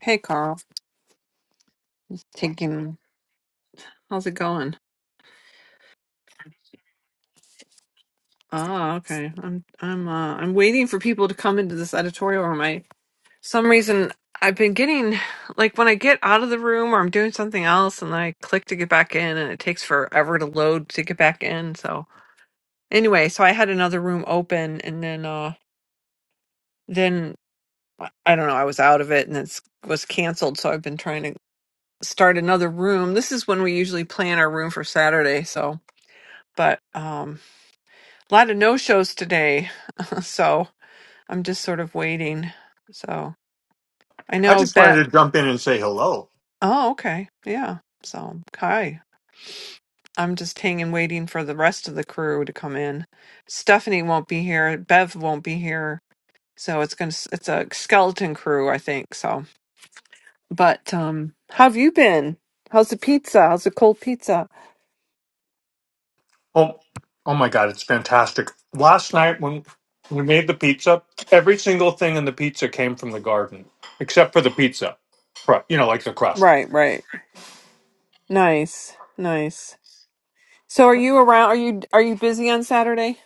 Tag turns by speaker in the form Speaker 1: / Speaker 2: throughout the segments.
Speaker 1: Hey Carl, taking how's it going? Ah, okay. I'm I'm uh I'm waiting for people to come into this editorial room. I some reason I've been getting like when I get out of the room or I'm doing something else and I click to get back in and it takes forever to load to get back in. So anyway, so I had another room open and then uh then I I don't know, I was out of it and it was canceled, so I've been trying to start another room. This is when we usually plan our room for Saturday, so but um a lot of no shows today. so I'm just sort of waiting. So I
Speaker 2: I
Speaker 1: know
Speaker 2: just
Speaker 1: that.
Speaker 2: wanted to jump in and say hello.
Speaker 1: Oh, okay. Yeah. So, Kai, I'm just hanging, waiting for the rest of the crew to come in. Stephanie won't be here. Bev won't be here. So it's going to, it's a skeleton crew, I think. So, but, um, how have you been? How's the pizza? How's the cold pizza?
Speaker 2: Oh, oh my God, it's fantastic. Last night when we made the pizza, every single thing in the pizza came from the garden, except for the pizza, cru- you know, like the crust.
Speaker 1: Right, right. Nice, nice. So are you around? Are you, are you busy on Saturday?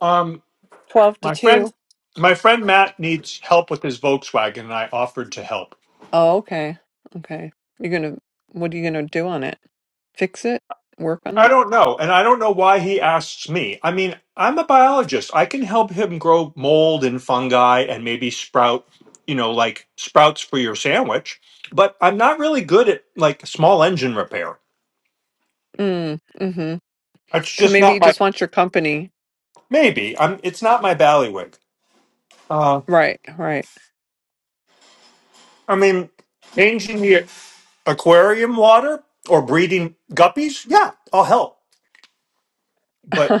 Speaker 2: Um,
Speaker 1: 12 to
Speaker 2: my
Speaker 1: 2?
Speaker 2: friend, my friend Matt needs help with his Volkswagen, and I offered to help.
Speaker 1: Oh, okay. Okay. You're gonna, what are you gonna do on it? Fix it? Work on
Speaker 2: I
Speaker 1: it?
Speaker 2: don't know. And I don't know why he asks me. I mean, I'm a biologist. I can help him grow mold and fungi and maybe sprout, you know, like sprouts for your sandwich. But I'm not really good at like small engine repair.
Speaker 1: Mm, mm-hmm.
Speaker 2: It's
Speaker 1: So
Speaker 2: just
Speaker 1: maybe
Speaker 2: not
Speaker 1: you
Speaker 2: my
Speaker 1: just want your company.
Speaker 2: maybe. I'm it's not my ballywick. Uh
Speaker 1: Right, right.
Speaker 2: I mean, changing the aquarium water or breeding guppies, yeah, I'll help. But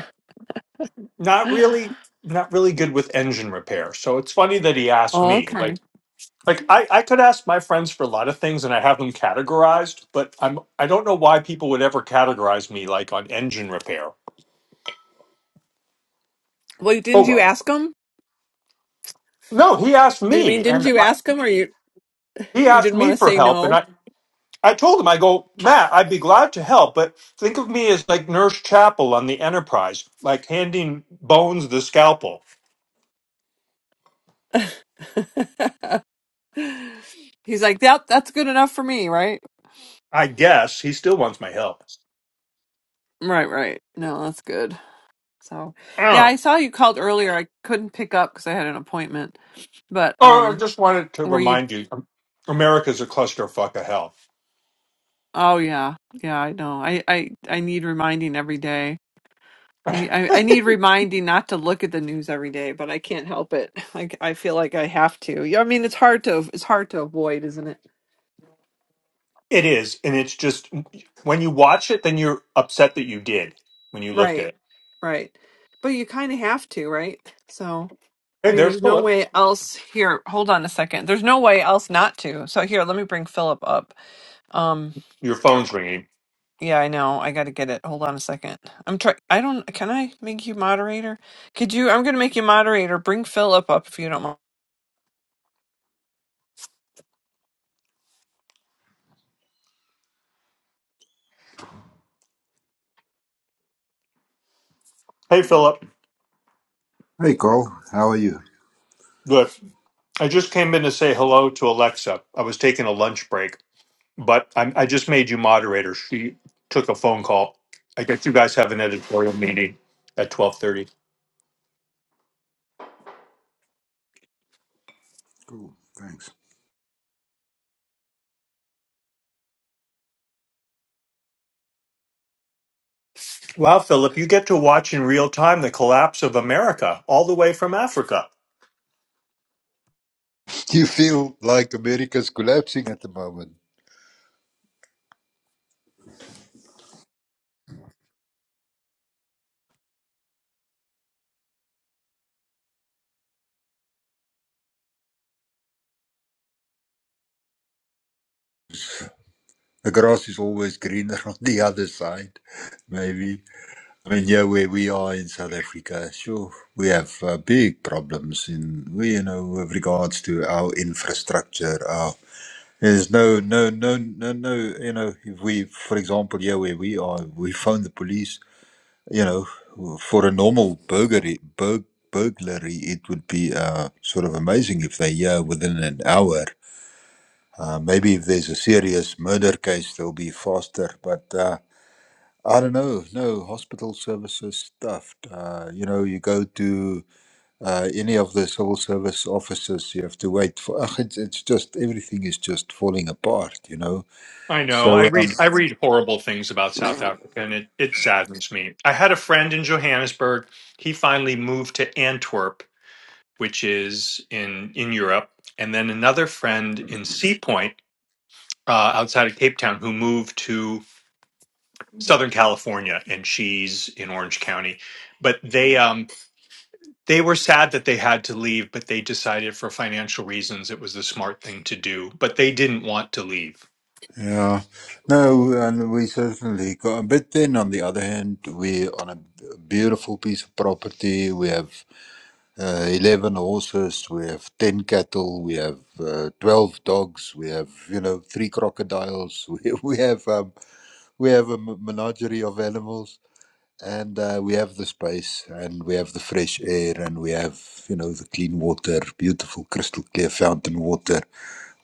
Speaker 2: not really not really good with engine repair. So it's funny that he asked
Speaker 1: Oh,
Speaker 2: me. Like
Speaker 1: okay.
Speaker 2: Like I, I could ask my friends for a lot of things and I have them categorized, but I'm I don't know why people would ever categorize me like on engine repair.
Speaker 1: Well, didn't
Speaker 2: Oh
Speaker 1: you
Speaker 2: well.
Speaker 1: ask him?
Speaker 2: No, he asked
Speaker 1: I mean,
Speaker 2: me
Speaker 1: didn't
Speaker 2: and
Speaker 1: you
Speaker 2: I,
Speaker 1: ask him or you
Speaker 2: he
Speaker 1: you
Speaker 2: asked
Speaker 1: didn't want
Speaker 2: me
Speaker 1: to
Speaker 2: for
Speaker 1: say
Speaker 2: help and
Speaker 1: no?
Speaker 2: I I told him I go, "Matt, I'd be glad to help, but think of me as like Nurse Chapel on the Enterprise, like handing Bones the scalpel."
Speaker 1: He's like, "Yep, that's good enough for me," right?
Speaker 2: I guess he still wants my help.
Speaker 1: Right, right. No, that's good. So,
Speaker 2: I don't
Speaker 1: yeah, I
Speaker 2: know.
Speaker 1: saw you called earlier. I couldn't pick up because I had an appointment. But
Speaker 2: Oh, I
Speaker 1: um
Speaker 2: just wanted to
Speaker 1: were you
Speaker 2: remind you America's a clusterfuck of hell.
Speaker 1: Oh yeah, yeah, I know. I I I need reminding every day. I mean, I I need reminding not to look at the news every day, but I can't help it. I I feel like I have to. Yeah, I mean, it's hard to it's hard to avoid, isn't it?
Speaker 2: It is, and it's just when you watch it, then you're upset that you did when you looked at
Speaker 1: Right.
Speaker 2: it.
Speaker 1: Right. But you kind of have to, right? So, I
Speaker 2: Hey,
Speaker 1: mean,
Speaker 2: there's
Speaker 1: there's no
Speaker 2: Philip.
Speaker 1: way else here. Hold on a second. There's no way else not to. So here, let me bring Philip up. Um
Speaker 2: Your phone's ringing.
Speaker 1: Yeah, I know. I gotta get it. Hold on a second. I'm try. I don't. Can I make you moderator? Could you? I'm gonna make you moderator. Bring Philip up if you don't mind.
Speaker 2: Hey, Philip.
Speaker 3: Hey, Cole. How are you?
Speaker 2: Look, I just came in to say hello to Alexa. I was taking a lunch break, but I, I just made you moderator. She took a phone call. I guess you guys have an editorial meeting at twelve thirty.
Speaker 3: Cool, thanks.
Speaker 2: Wow, Philip, you get to watch in real time the collapse of America all the way from Africa.
Speaker 3: You feel like America's collapsing at the moment. The grass is always greener on the other side, maybe. I mean, yeah, where we are in South Africa, sure, we have uh, big problems in, we, you know, with regards to our infrastructure. Our, there's no, no, no, no, no, you know, if we, for example, yeah, where we are, we phone the police You know, for a normal burglary, burg burglary, it would be uh, sort of amazing if they yeah within an hour. Uh, maybe if there's a serious murder case, they'll be faster. But uh, I don't know. No hospital services stuffed. Uh, you know, you go to uh, any of the civil service offices, you have to wait for. Ugh, it's, it's just everything is just falling apart. You know.
Speaker 2: I know. I
Speaker 3: So. Um,
Speaker 2: read I read horrible things about South Africa and it, it saddens me. I had a friend in Johannesburg. He finally moved to Antwerp, which is in in Europe, and then another friend in Sea Point, uh, outside of Cape Town, who moved to Southern California and she's in Orange County. But they um they were sad that they had to leave, but they decided for financial reasons it was the smart thing to do. But they didn't want to leave.
Speaker 3: Yeah. No, and we certainly got a bit thin. On the other hand, we're on a beautiful piece of property. We have uh, 11 horses, we have 10 cattle, we have uh, 12 dogs, we have, you know, three crocodiles. We, we have um, we have a m- menagerie of animals and uh, we have the space and we have the fresh air and we have, you know, the clean water, beautiful crystal clear fountain water.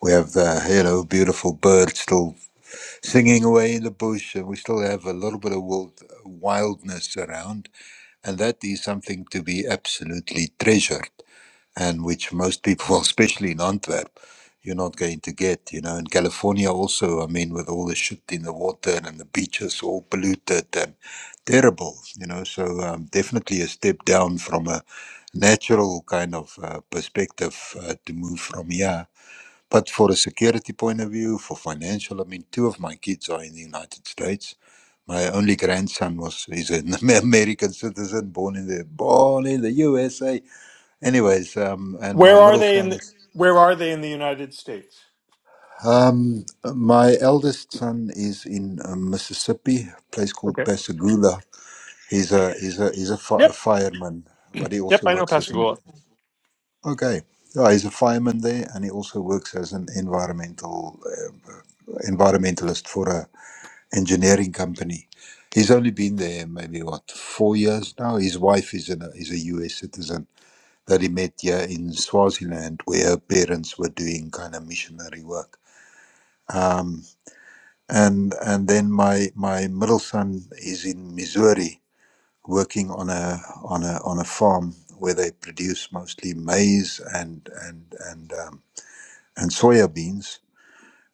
Speaker 3: We have the, you know, beautiful birds still singing away in the bush, and we still have a little bit of wild, wildness around, and that is something to be absolutely treasured, and which most people, well, especially in Antwerp, you're not going to get. You know, in California also, I mean, with all the shit in the water and the beaches all polluted and terrible, you know, so um, definitely a step down from a natural kind of uh, perspective uh, to move from here but for a security point of view, for financial, I mean, two of my kids are in the United States. My only grandson was is an American citizen, born in the born in the USA. Anyways, um, and my
Speaker 2: Where are
Speaker 3: middle
Speaker 2: they
Speaker 3: son
Speaker 2: in the,
Speaker 3: is
Speaker 2: where are they in the United States?
Speaker 3: um, my eldest son is in uh, Mississippi, a place called
Speaker 2: Okay.
Speaker 3: Pascagoula. He's a he's a he's a, fi- a
Speaker 2: Yep.
Speaker 3: fireman, but he
Speaker 2: Yep.
Speaker 3: also
Speaker 2: I know
Speaker 3: works as an
Speaker 2: Pascagoula.
Speaker 3: okay. Yeah, he's a fireman there, and he also works as an environmental uh, environmentalist for a engineering company. He's only been there maybe what four years now. His wife is a is a U.S. citizen that he met here in Swaziland, where her parents were doing kind of missionary work. And and then my my middle son is in Missouri working on a on a on a farm where they produce mostly maize and and and um, and soya beans.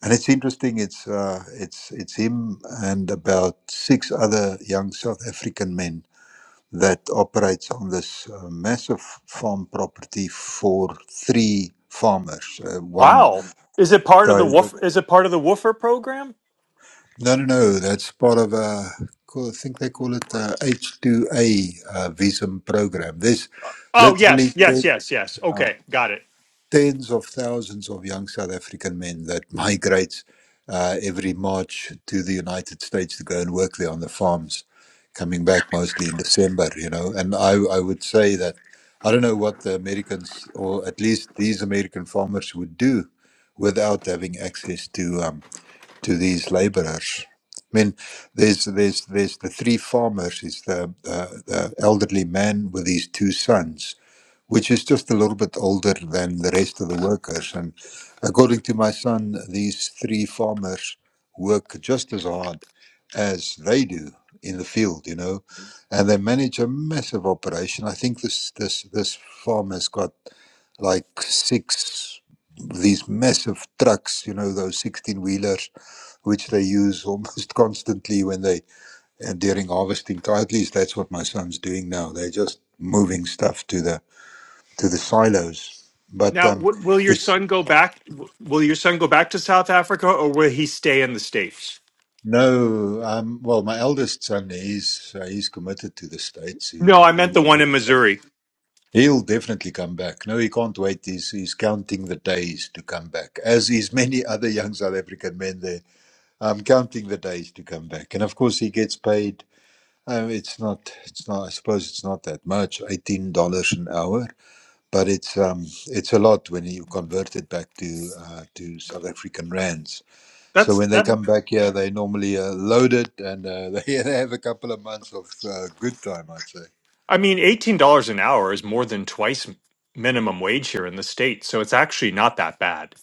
Speaker 3: And it's interesting. It's uh, it's it's him and about six other young South African men that operates on this uh, massive farm property for three farmers. Uh, one
Speaker 2: Wow. Is it part of
Speaker 3: guy
Speaker 2: the
Speaker 3: that
Speaker 2: woof? Is it part of the woofer program?
Speaker 3: no, no, no. That's part of a. I think they call it a H two A uh, visa program. There's
Speaker 2: Oh yes,
Speaker 3: literally
Speaker 2: yes, yes, yes. Okay, got it.
Speaker 3: tens of thousands of young South African men that migrate uh, every March to the United States to go and work there on the farms, coming back mostly in December, you know. And I, I would say that I don't know what the Americans, or at least these American farmers, would do without having access to um, to these laborers. I mean, there's there's there's the three farmers. Is the, the the elderly man with his two sons, which is just a little bit older than the rest of the workers. And according to my son, these three farmers work just as hard as they do in the field, you know, and they manage a massive operation. I think this this this farm has got like six of these massive trucks, you know, those sixteen wheelers, which they use almost constantly when they uh, during harvesting. time. At least that's what my son's doing now. They're just moving stuff to the to the silos. But
Speaker 2: Now,
Speaker 3: um,
Speaker 2: w- will your
Speaker 3: it's
Speaker 2: son go back? w- Will your son go back to South Africa, or will he stay in the states?
Speaker 3: no. Um, well, my eldest son, he's uh, he's committed to the states.
Speaker 2: No,
Speaker 3: He'll
Speaker 2: I meant
Speaker 3: he'll
Speaker 2: the one
Speaker 3: he'll
Speaker 2: in Missouri.
Speaker 3: he'll definitely come back. No, he can't wait. He's he's counting the days to come back, as is many other young South African men. There, um, counting the days to come back, and of course he gets paid. Um, it's not. It's not. I suppose it's not that much. Eighteen dollars an hour, but it's um, it's a lot when you convert it back to uh, to South African rands So
Speaker 2: That's
Speaker 3: when they
Speaker 2: that.
Speaker 3: come back here, they normally uh, load it and uh, they they have a couple of months of uh, good time, I'd say.
Speaker 2: I mean, eighteen dollars an hour is more than twice m- minimum wage here in the states, so it's actually not that bad.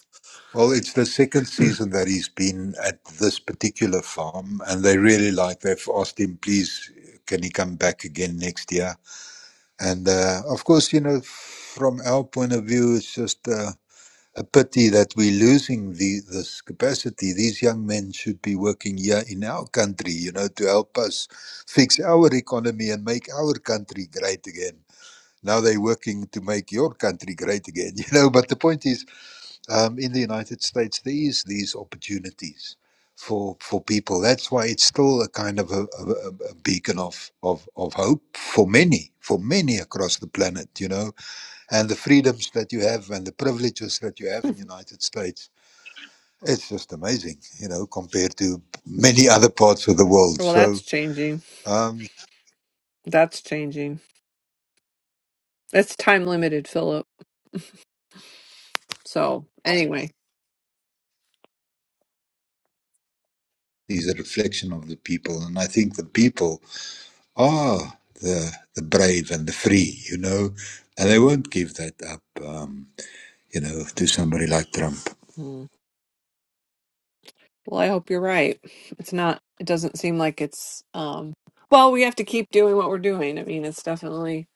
Speaker 3: Well, it's the second season that he's been at this particular farm, and they really like. They've asked him, please, can he come back again next year? And uh, of course, you know, from our point of view, it's just uh, a pity that we're losing the, this capacity. These young men should be working here in our country, you know, to help us fix our economy and make our country great again. Now they're working to make your country great again, you know. But the point is, um, in the United States, there is these opportunities for for people. That's why it's still a kind of a, a, a beacon of, of of hope for many, for many across the planet, you know. And the freedoms that you have and the privileges that you have in the United States, it's just amazing, you know, compared to many other parts of the world.
Speaker 1: Well, that's
Speaker 3: So
Speaker 1: changing.
Speaker 3: um,
Speaker 1: That's changing. That's time limited, Philip. So anyway.
Speaker 3: is a reflection of the people, and I think the people. Ah, the the brave and the free, you know, and they won't give that up, um, you know, to somebody like Trump.
Speaker 1: Mm. Well, I hope you're right. It's not, it doesn't seem like it's, um, well, we have to keep doing what we're doing. I mean, it's definitely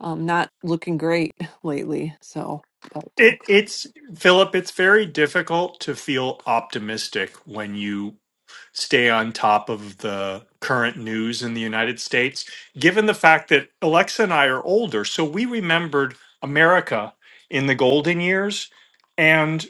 Speaker 1: um, not looking great lately. So, but
Speaker 2: It, it's Philip. It's very difficult to feel optimistic when you stay on top of the current news in the United States, given the fact that Alexa and I are older. So we remembered America in the golden years. And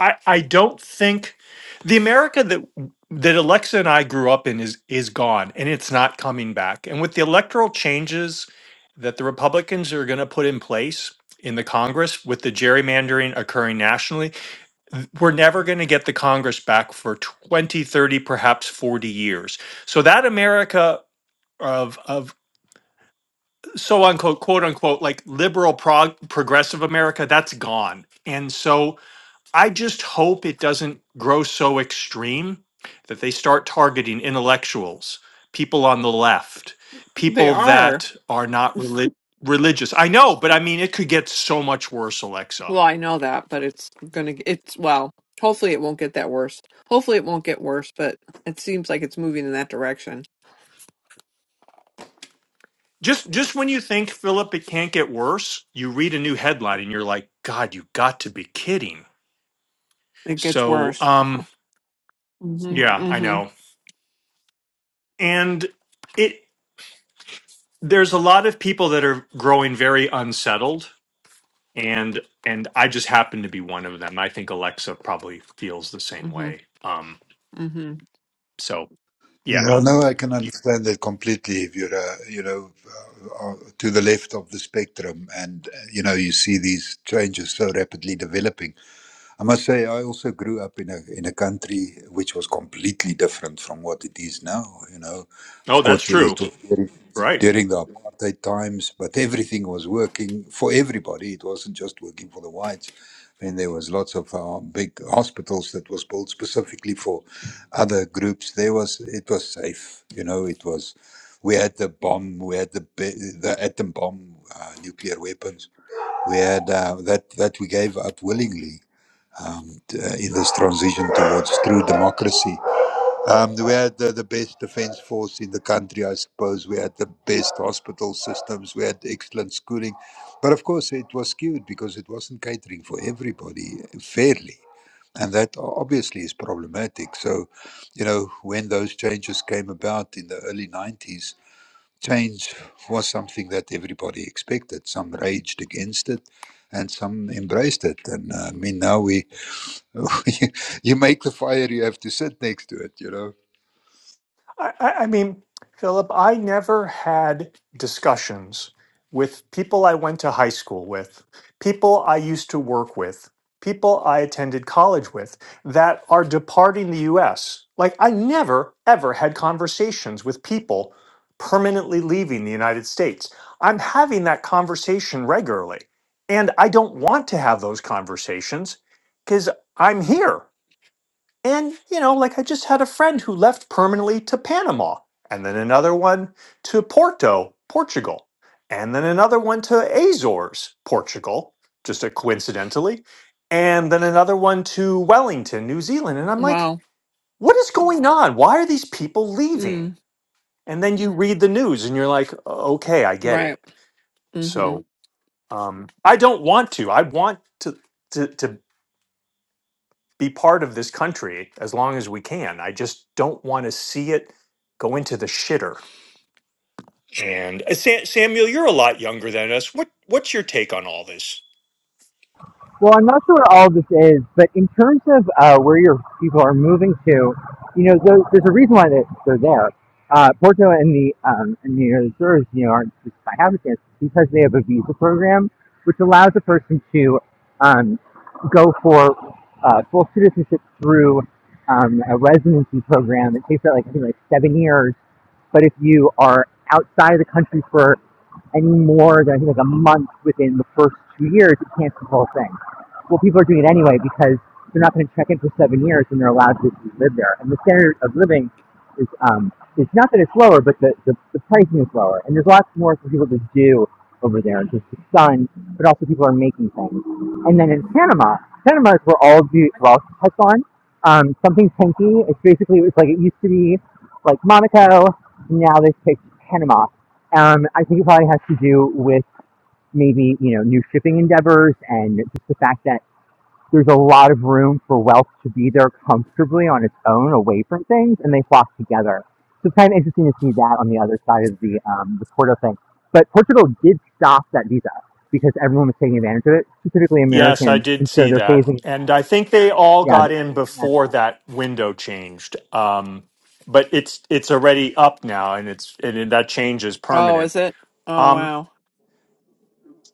Speaker 2: I, I don't think the America that that Alexa and I grew up in is is gone and it's not coming back. And with the electoral changes that the Republicans are going to put in place in the Congress with the gerrymandering occurring nationally, we're never going to get the Congress back for 20, 30, perhaps 40 years. So that America of of so unquote quote unquote like liberal prog- progressive America that's gone. And so I just hope it doesn't grow so extreme that they start targeting intellectuals, people on the left,
Speaker 1: They
Speaker 2: people
Speaker 1: are.
Speaker 2: that are not relig- religious. I know, but I mean it could get so much worse, Alexa.
Speaker 1: Well, I know that, but it's gonna, it's, well, hopefully it won't get that worse. Hopefully it won't get worse, but it seems like it's moving in that direction.
Speaker 2: Just just when you think Philip it can't get worse, you read a new headline and you're like, God, you got to be kidding.
Speaker 1: It gets
Speaker 2: So,
Speaker 1: worse.
Speaker 2: um,
Speaker 1: hmm
Speaker 2: yeah, I
Speaker 1: hmm
Speaker 2: know. And it there's a lot of people that are growing very unsettled and and I just happen to be one of them. I think Alexa probably feels the same
Speaker 1: hmm
Speaker 2: way. Um,
Speaker 1: hmm
Speaker 2: so yeah.
Speaker 3: Yeah, no, I can understand that completely. If you're, uh, you know, uh, uh, to the left of the spectrum, and uh, you know, you see these changes so rapidly developing. I must say, I also grew up in a in a country which was completely different from what it is now. You know,
Speaker 2: Oh,
Speaker 3: of
Speaker 2: that's
Speaker 3: course, it
Speaker 2: true.
Speaker 3: was during,
Speaker 2: Right.
Speaker 3: during the apartheid times, but everything was working for everybody. It wasn't just working for the whites, and there was lots of uh, big hospitals that was built specifically for other groups. There was it was safe. You know, it was. We had the bomb. We had the ba- the atom bomb, uh, nuclear weapons. We had uh, that that we gave up willingly um, uh, in this transition towards true democracy. Um, we had the, the best defense force in the country, I suppose. We had the best hospital systems. We had excellent schooling. But of course, it was skewed because it wasn't catering for everybody fairly. And that o- obviously is problematic. So, you know, when those changes came about in the early 90s, change was something that everybody expected. Some raged against it and some embraced it. And uh, I mean, now we you you make the fire, you have to sit next to it, you know.
Speaker 2: I, I I mean, Philip, I never had discussions with people I went to high school with, people I used to work with, people I attended college with that are departing the US. Like, I never, ever had conversations with people permanently leaving the United States. I'm having that conversation regularly, and I don't want to have those conversations because I'm here. And, you know, like I just had a friend who left permanently to Panama, and then another one to Porto, Portugal, and then another one to Azores, Portugal, just a coincidentally, and then another one to Wellington, New Zealand. And I'm like,
Speaker 1: Wow.
Speaker 2: what is going on? Why are these people leaving?
Speaker 1: Mm,
Speaker 2: And then you read the news and you're like, okay, I get
Speaker 1: right.
Speaker 2: it.
Speaker 1: hmm
Speaker 2: So um, I don't want to. I want to. to, to be part of this country as long as we can. I just don't want to see it go into the shitter. And uh, Sa- Samuel, you're a lot younger than us. What what's your take on all this?
Speaker 4: Well, I'm not sure what all this is, but in terms of uh, where your people are moving to, you know, there's, there's a reason why they, they're there. Uh, Porto and the um, and the Azores, you know, aren't just by happenstance because they have a visa program which allows a person to um, go for uh, full citizenship through um, a residency program. It takes that like I think like seven years, but if you are outside of the country for any more than I think like a month within the first two years, it can't be the whole thing well, people are doing it anyway because they're not going to check in for seven years and they're allowed to live there. And the standard of living is um, it's not that it's lower, but the, the, the pricing is lower. And there's lots more for people to do over there, just the sun, but also people are making things. And then in Panama, Panama is where all of the wealth has gone. Um, something pinky. It's basically it's like it used to be like Monaco. Now they've picked Panama. Um, I think it probably has to do with maybe you know new shipping endeavors and just the fact that there's a lot of room for wealth to be there comfortably on its own, away from things, and they flock together. So it's kind of interesting to see that on the other side of the um, the Porto thing. But Portugal did stop that visa because everyone was taking advantage of it, specifically
Speaker 2: Yes, I
Speaker 4: Americans,
Speaker 2: did
Speaker 4: and so
Speaker 2: see
Speaker 4: they're
Speaker 2: that.
Speaker 4: phasing.
Speaker 2: And I think they all
Speaker 4: Yeah,
Speaker 2: got
Speaker 4: they're
Speaker 2: in
Speaker 4: phasing that
Speaker 2: before
Speaker 4: out.
Speaker 2: that window changed. Um, but it's it's already up now and it's and that change is
Speaker 1: Oh,
Speaker 2: permanent.
Speaker 1: is it? Oh,
Speaker 2: Um,
Speaker 1: wow.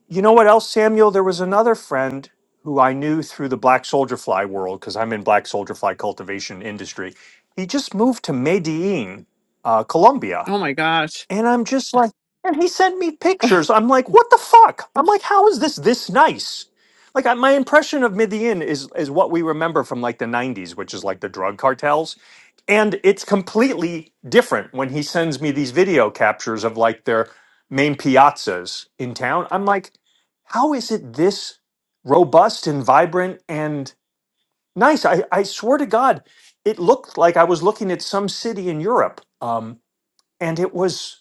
Speaker 2: You know what else, Samuel? There was another friend who I knew through the black soldier fly world because I'm in black soldier fly cultivation industry. He just moved to Medellin, uh, Colombia.
Speaker 1: Oh my gosh.
Speaker 2: And I'm just like, and he sent me pictures. I'm like, what the fuck? I'm like, how is this this nice? Like, I, my impression of Midian is is what we remember from like the '90s, which is like the drug cartels, and it's completely different when he sends me these video captures of like their main piazzas in town. I'm like, how is it this robust and vibrant and nice? I, I swear to God, it looked like I was looking at some city in Europe. Um, and it was.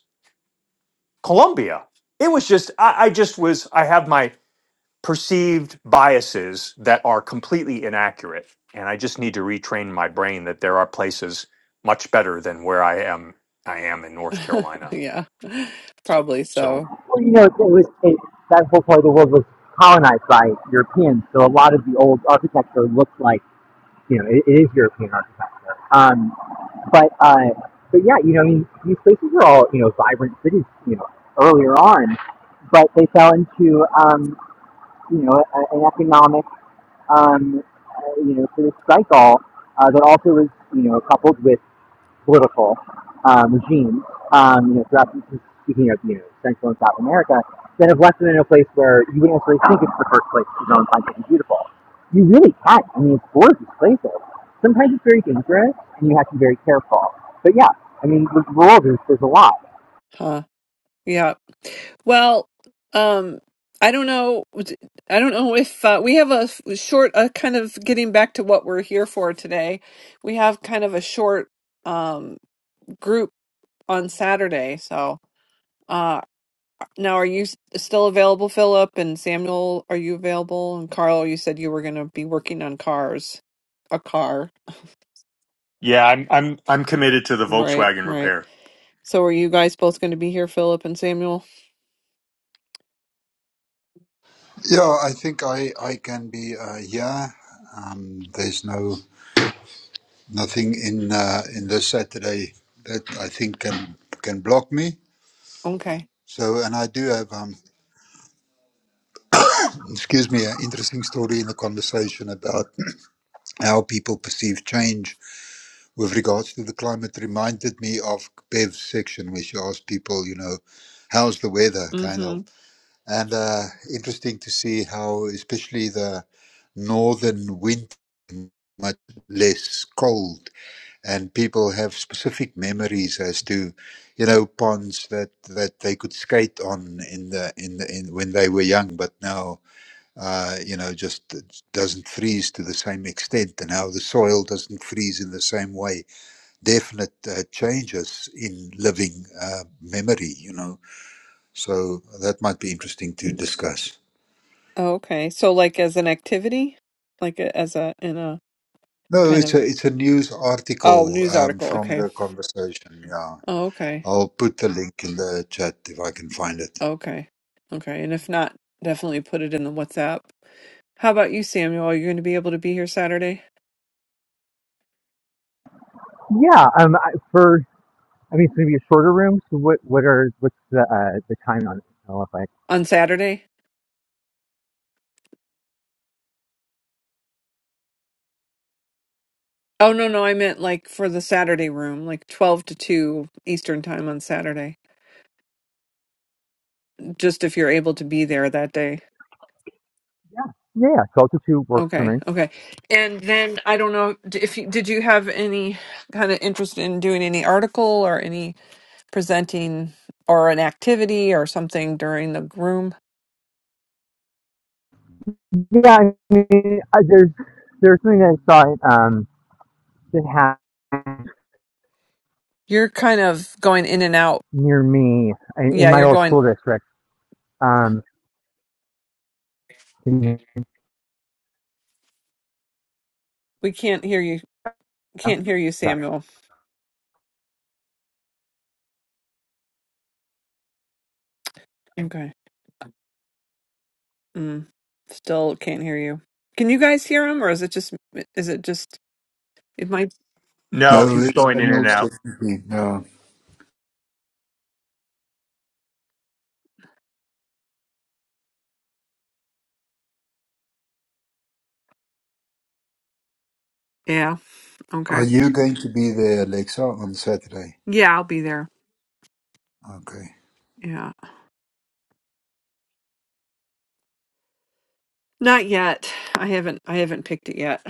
Speaker 2: Colombia. It was just I, I just was I have my perceived biases that are completely inaccurate, and I just need to retrain my brain that there are places much better than where I am. I am in North Carolina,
Speaker 1: yeah, probably
Speaker 2: so
Speaker 1: so.
Speaker 4: Well, you know, it was it, that whole part of the world was colonized by Europeans, so a lot of the old architecture looks like you know it, it is European architecture. Um, But uh, but yeah, you know, I mean, these places were all you know vibrant cities, you know, earlier on, but they fell into um, you know a, an economic um, uh, you know sort of cycle uh, that also was you know coupled with political um, regime, um, you know, throughout speaking of you know Central and South America, that have left them in a place where you wouldn't necessarily think it's the first place to go and find something beautiful. You really can. I mean, it's gorgeous places. Sometimes it's very dangerous, and you have to be very careful. But yeah, I mean, the world is there's a lot.
Speaker 1: Huh. Yeah. Well, um, I don't know. I don't know if uh, we have a f- short, uh, kind of getting back to what we're here for today. We have kind of a short um, group on Saturday. So uh, now, are you s- still available, Philip and Samuel? Are you available? And Carl, you said you were going to be working on cars, a car,
Speaker 2: yeah, I'm I'm I'm committed to the
Speaker 1: right?
Speaker 2: Volkswagen
Speaker 1: Right.
Speaker 2: repair.
Speaker 1: So, are you guys both going to be here, Philip and Samuel?
Speaker 3: Yeah, I think I I can be uh, yeah. Um, there's no nothing in uh, in this Saturday that I think can can block me.
Speaker 1: Okay.
Speaker 3: So, and I do have um, excuse me, an interesting story in the conversation about how people perceive change with regards to the climate. Reminded me of Bev's section where she asked people, you know, how's the weather, kind of. And uh, interesting to see how, especially the northern winter, much less cold, and people have specific memories as to, you know, ponds that, that they could skate on in the in the in when they were young, but now, uh, you know, just it doesn't freeze to the same extent, and how the soil doesn't freeze in the same way. Definite uh, changes in living uh, memory, you know. So that might be interesting to discuss.
Speaker 1: Oh, okay. So like as an activity? Like a, as a in a
Speaker 3: No,
Speaker 1: kind
Speaker 3: it's
Speaker 1: of
Speaker 3: a it's a news
Speaker 1: oh,
Speaker 3: article
Speaker 1: news
Speaker 3: um,
Speaker 1: article.
Speaker 3: from
Speaker 1: Okay.
Speaker 3: the conversation. Yeah,
Speaker 1: Oh, okay.
Speaker 3: I'll put the link in the chat if I can find it.
Speaker 1: Okay. Okay. And if not, definitely put it in the WhatsApp. How about you, Samuel? Are you going to be able to be here Saturday?
Speaker 4: Yeah. Um. for I mean, it's gonna be a shorter room. So what? What are? What's the uh, the time on it? Oh, if I
Speaker 1: On Saturday? Oh, no, no. I meant like for the Saturday room, like 12 to 2 Eastern time on Saturday. Just if you're able to be there that day.
Speaker 4: Yeah. yeah. yeah, Twelve to two works for
Speaker 1: Okay.
Speaker 4: me.
Speaker 1: Okay. And then I don't know d- if you, did you have any kind of interest in doing any article or any presenting or an activity or something during the room.
Speaker 4: Yeah. I mean, I, there's there's something that I saw. um, that happened
Speaker 1: You're kind of going in and out.
Speaker 4: near me in,
Speaker 1: Yeah,
Speaker 4: my
Speaker 1: you're
Speaker 4: old
Speaker 1: going.
Speaker 4: school district. Um, can you
Speaker 1: We can't hear you.
Speaker 4: hear me now?
Speaker 1: Can't hear you,
Speaker 4: Okay.
Speaker 1: Samuel. Okay. Mm, still can't hear you. Can you guys hear him, or is it just? Is it just? It might.
Speaker 2: No,
Speaker 3: No,
Speaker 2: he's
Speaker 3: it's
Speaker 2: going in and
Speaker 3: Samuel
Speaker 2: out.
Speaker 3: Stephanie. Yeah.
Speaker 1: Yeah.
Speaker 3: Are
Speaker 1: Okay.
Speaker 3: you going to be there, Alexa, on Saturday?
Speaker 1: Yeah, I'll be there.
Speaker 3: Okay.
Speaker 1: Yeah. Not yet. I haven't. I haven't picked it yet.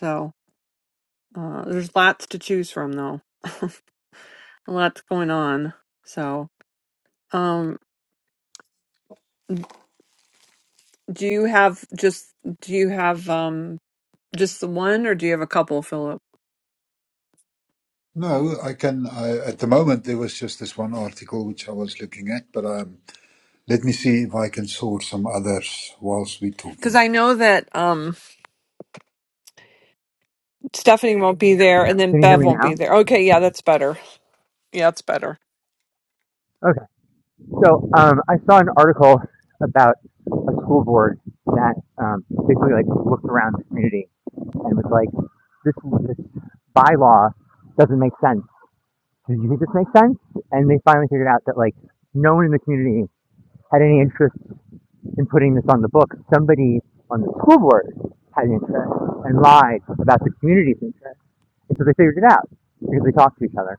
Speaker 1: So uh, there's lots to choose from, though. Lots going on. So um Do you have just do you have um just the one or do you have a couple, Philip?
Speaker 3: No, I can. I, at the moment, there was just this one article which I was looking at, but um, let me see if I can source some others whilst we're talking.
Speaker 1: Because I know that um Stephanie won't be there and then
Speaker 4: Can you hear
Speaker 1: Bev
Speaker 4: me
Speaker 1: won't
Speaker 4: now?
Speaker 1: be there. Okay, yeah, that's better. Yeah, that's better.
Speaker 4: Okay. So um, I saw an article about a school board that um, basically like looked around the community and was like, this, this bylaw doesn't make sense. Do you think this makes sense? And they finally figured out that like no one in the community had any interest in putting this on the book. Somebody on the school board had interest and lied about the community's interest. And so they figured it out because they talked to each other.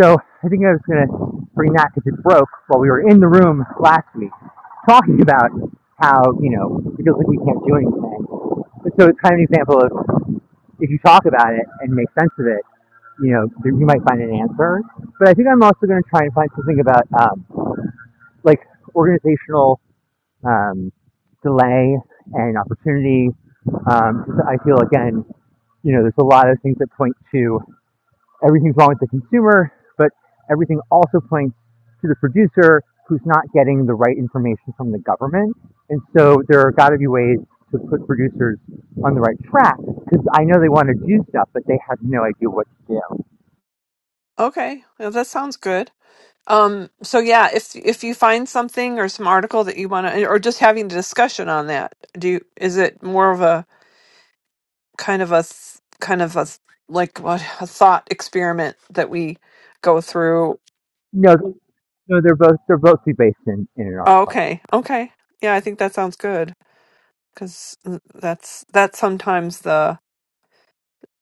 Speaker 4: So I think I was going to bring that because it broke while we were in the room last week talking about how, you know, it feels like we can't do anything. So it's kind of an example of if you talk about it and make sense of it, you know, you might find an answer. But I think I'm also going to try and find something about um, like organizational um, delay and opportunity. Um, 'cause I feel again, you know, there's a lot of things that point to everything's wrong with the consumer, but everything also points to the producer who's not getting the right information from the government. And so there are got to be ways to put producers on the right track because I know they want to do stuff, but they have no idea what to do.
Speaker 1: Okay, well, that sounds good. Um, so yeah, if if you find something or some article that you want to, or just having a discussion on that, do you, is it more of a kind of a th- kind of a th- like what a thought experiment that we go through?
Speaker 4: No, no, they're both they're both based in, in an
Speaker 1: Oh,
Speaker 4: article.
Speaker 1: Okay, okay, yeah, I think that sounds good. because that's that's sometimes the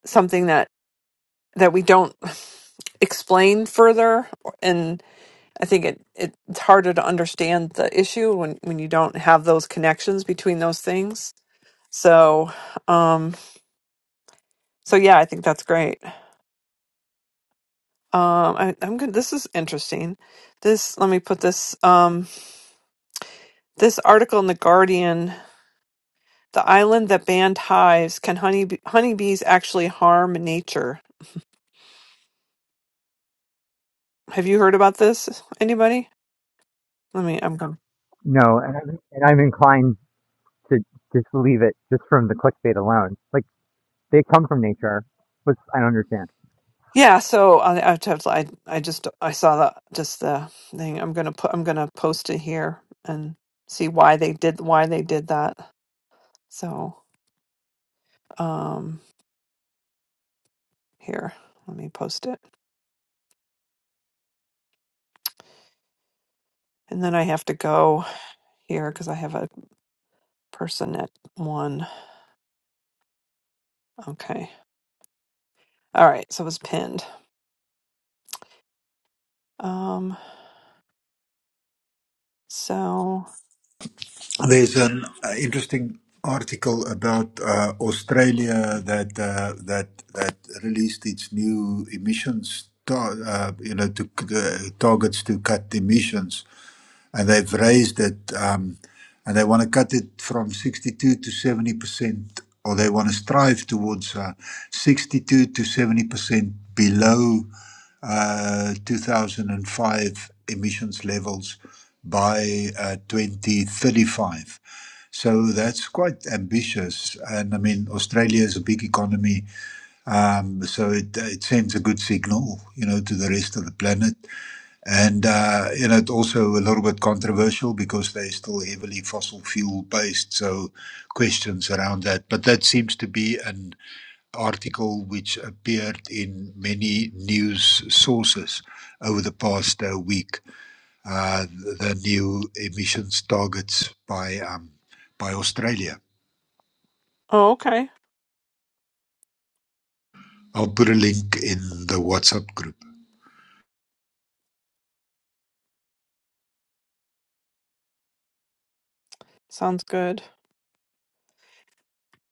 Speaker 1: something that that we don't explain further and i think it, it it's harder to understand the issue when when you don't have those connections between those things so um so yeah i think that's great um I, i'm good this is interesting this let me put this um this article in the guardian the island that banned hives can honey honeybees actually harm nature have you heard about this anybody Let me. I'm going. to
Speaker 4: No, and I'm, and I'm inclined to just leave it just from the clickbait alone. Like they come from nature, which I don't understand.
Speaker 1: Yeah. So I. I, just- I I just. I saw that. Just the thing. I'm gonna put. I'm gonna post it here and see why they did. Why they did that. So um. Here. Let me post it. And then I have to go here because I have a person at one. Okay. All right. So it was pinned. Um. So.
Speaker 3: There's an uh, interesting article about uh, Australia that uh, that that released its new emissions, tar- uh, you know, to, uh, targets to cut emissions, and they've raised it um, and they want to cut it from 62 to 70 percent or they want to strive towards uh, 62 to 70 percent below uh, 2005 emissions levels by uh, 2035 so that's quite ambitious and i mean australia is a big economy um, so it, it sends a good signal you know to the rest of the planet and uh, you know, it's also a little bit controversial because they're still heavily fossil fuel based. So questions around that. But that seems to be an article which appeared in many news sources over the past uh, week. Uh, the the new emissions targets by um, by Australia.
Speaker 1: Oh. Okay.
Speaker 3: I'll put a link in the WhatsApp group.
Speaker 1: Sounds good.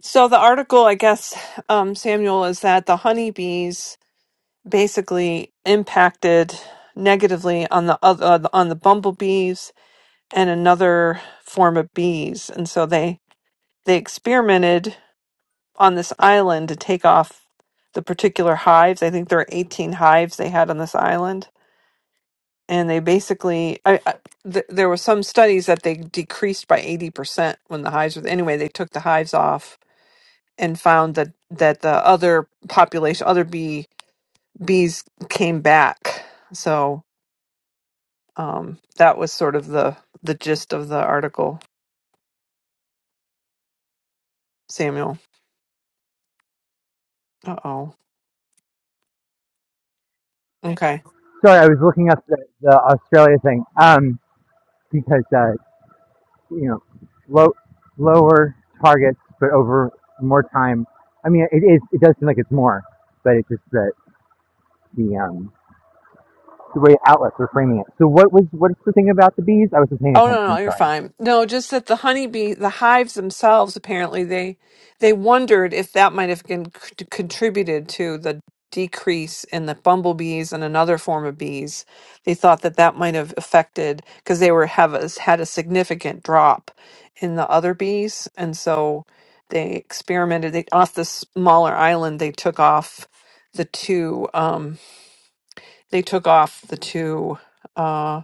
Speaker 1: So the article, I guess, um, Samuel, is that the honeybees basically impacted negatively on the other uh, on the bumblebees and another form of bees and so they they experimented on this island to take off the particular hives i think there are 18 hives they had on this island and they basically I, I, th- there were some studies that they decreased by 80% when the hives were anyway they took the hives off and found that that the other population other bee bees came back so Um, that was sort of the the gist of the article, Samuel. Uh oh. Okay.
Speaker 4: Sorry, I was looking up the, the Australia thing um, because uh, you know, low, lower targets, but over more time. I mean, it is, it does seem like it's more, but it's just that the, um, the way outlets are framing it. So what was, what's the thing about the bees? I wasn't paying
Speaker 1: Oh
Speaker 4: attention.
Speaker 1: no, no,
Speaker 4: I'm
Speaker 1: you're
Speaker 4: sorry.
Speaker 1: fine. No, just that the honeybee, the hives themselves, apparently they they wondered if that might have been c- contributed to the decrease in the bumblebees and another form of bees. They thought that that might have affected because they were have a, had a significant drop in the other bees, and so they experimented. They off the smaller island, they took off the two. Um, they took off the two. uh,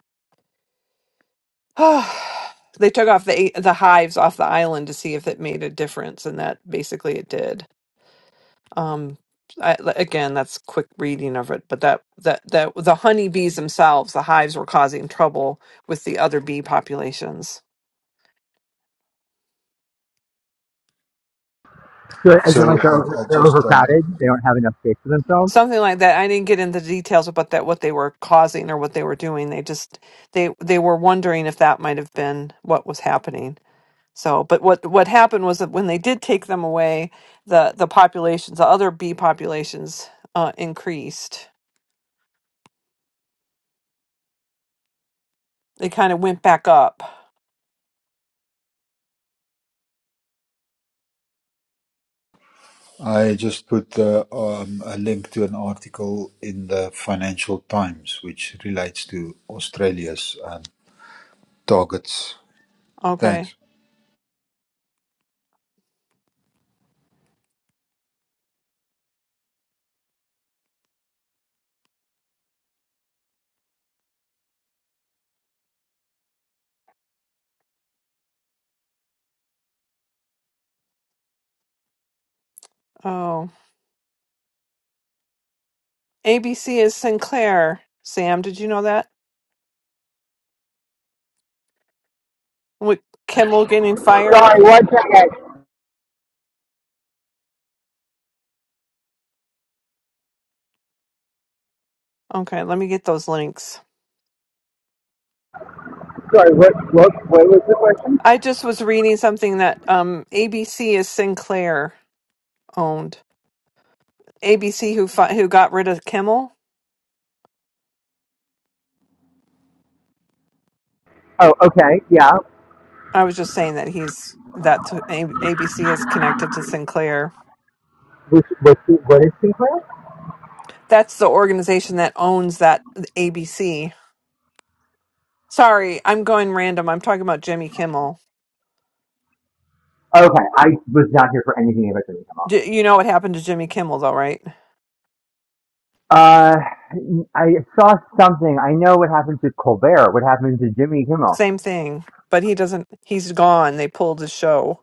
Speaker 1: they took off the the hives off the island to see if it made a difference, and that basically it did. Um, I, again, that's quick reading of it, but that that that the honeybees themselves, the hives were causing trouble with the other bee populations.
Speaker 4: So is it like
Speaker 3: So
Speaker 4: they're, over,
Speaker 3: I, I
Speaker 4: they're
Speaker 3: just um,
Speaker 4: overcrowded? They don't have enough space for themselves?
Speaker 1: Something like that. I didn't get into details about that what they were causing or what they were doing. They just they they were wondering if that might have been what was happening So, but what what happened was that when they did take them away, the the populations, the other bee populations, uh, increased. They kind of went back up.
Speaker 3: I just put the, um, a link to an article in the Financial Times, which relates to Australia's um, targets.
Speaker 1: Okay.
Speaker 3: Thanks.
Speaker 1: Oh, ABC is Sinclair. Sam, did you know that? With Kimmel getting fired.
Speaker 4: Sorry, one second.
Speaker 1: Okay, let me get those links.
Speaker 4: Sorry, what, what, what was the question?
Speaker 1: I just was reading something that um, ABC is Sinclair owned. ABC who fi- who got rid of Kimmel.
Speaker 4: Oh, okay. Yeah.
Speaker 1: I was just saying that he's that's who A- ABC is connected to Sinclair
Speaker 4: Which, which, what is Sinclair?
Speaker 1: That's the organization that owns that ABC. Sorry, I'm going random. I'm talking about Jimmy Kimmel.
Speaker 4: Okay. I was not here for anything about to come up.
Speaker 1: J- you know what happened to Jimmy Kimmel, though, right?
Speaker 4: Uh, I saw something. I know what happened to Colbert. What happened to Jimmy Kimmel?
Speaker 1: Same thing, but he doesn't. He's gone. They pulled his show.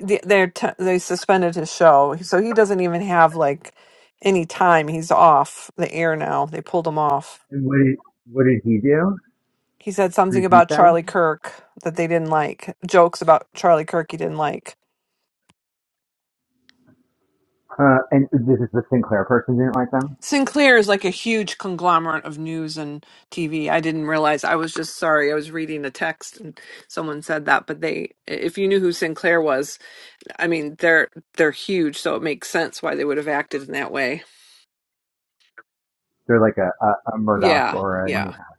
Speaker 1: They they're t- they suspended his show, so he doesn't even have like any time. He's off the air now. They pulled him off.
Speaker 4: And What did, what did he do?
Speaker 1: He said
Speaker 4: What
Speaker 1: something
Speaker 4: did he
Speaker 1: about
Speaker 4: say?
Speaker 1: Charlie Kirk that they didn't like. Jokes about Charlie Kirk he didn't like
Speaker 4: Uh, and this is the Sinclair person didn't like them.
Speaker 1: Sinclair is like a huge conglomerate of news and TV. I didn't realize. I was just sorry. I was reading a text and someone said that, but they if you knew who Sinclair was, I mean, they're they're huge, so it makes sense why they would have acted in that way.
Speaker 4: They're like a, a, a Murdoch
Speaker 1: Yeah.
Speaker 4: or a
Speaker 1: Yeah.
Speaker 4: Newhouse.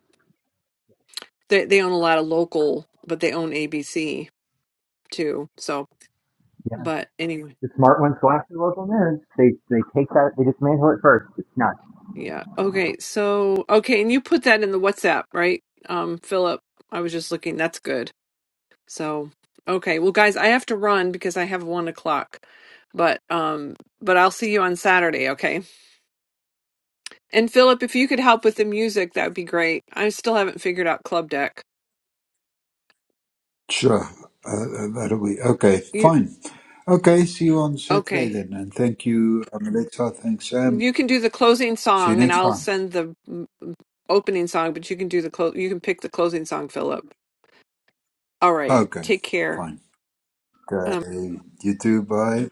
Speaker 1: They they own a lot of local, but they own ABC too. So,
Speaker 4: Yeah,
Speaker 1: but anyway.
Speaker 4: the smart ones go after local news. They they take that. They dismantle it first. It's nuts.
Speaker 1: Yeah. Okay. So, okay, and you put that in the WhatsApp, right? Um, Philip, I was just looking. That's good. So, okay. Well, guys, I have to run because I have one o'clock. But um, but I'll see you on Saturday, okay? And Philip, if you could help with the music, that would be great. I still haven't figured out club deck.
Speaker 3: Sure, uh, uh, that'll be okay.
Speaker 1: You
Speaker 3: Fine. Okay, see you on Saturday
Speaker 1: okay?
Speaker 3: then, and thank you, um, Alexa. Thanks, Sam.
Speaker 1: You can do the closing
Speaker 3: See you
Speaker 1: song, and
Speaker 3: next
Speaker 1: I'll
Speaker 3: time.
Speaker 1: send the mm, opening song. But you can do the close. You can pick the closing song, Philip. All right.
Speaker 3: Okay,
Speaker 1: Take care.
Speaker 3: fine. Okay, you too. Bye.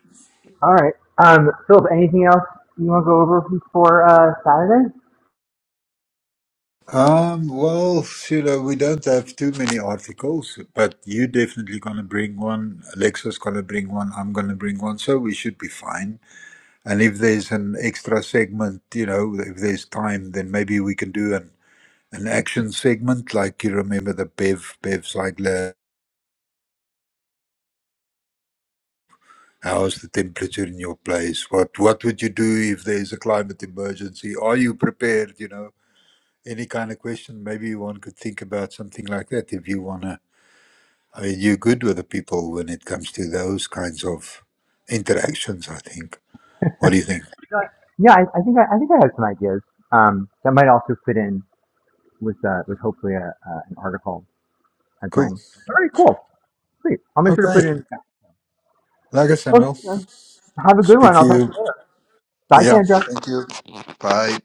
Speaker 4: All right. Um, Philip, anything else you want to go over for uh, Saturday?
Speaker 3: Um, well, Sheila, we don't have too many articles, but you definitely gonna bring one. Alexa's gonna bring one. I'm gonna bring one, so we should be fine. And if there's an extra segment, you know, if there's time, then maybe we can do an an action segment. Like you remember the Bev bev like, how's the temperature in your place? What what would you do if there's a climate emergency? Are you prepared? You know, any kind of question. Maybe one could think about something like that if you wanna I mean, you're good with the people when it comes to those kinds of interactions, I think. What do you think?
Speaker 4: Yeah, I, I think I, I think I have some ideas. Um, that might also fit in with uh, with hopefully a, uh, an article I bring.
Speaker 3: Cool.
Speaker 4: All right, cool. Sweet. I'll make sure to put it
Speaker 3: Okay.
Speaker 4: in the
Speaker 3: Lekker,
Speaker 4: chat. Okay.
Speaker 3: Samuel.
Speaker 4: Have a good
Speaker 3: Speak
Speaker 4: one.
Speaker 3: to
Speaker 4: I'll talk
Speaker 3: you.
Speaker 4: to you later. Bye,
Speaker 3: Yeah.
Speaker 4: Sandra.
Speaker 3: Thank you. Bye.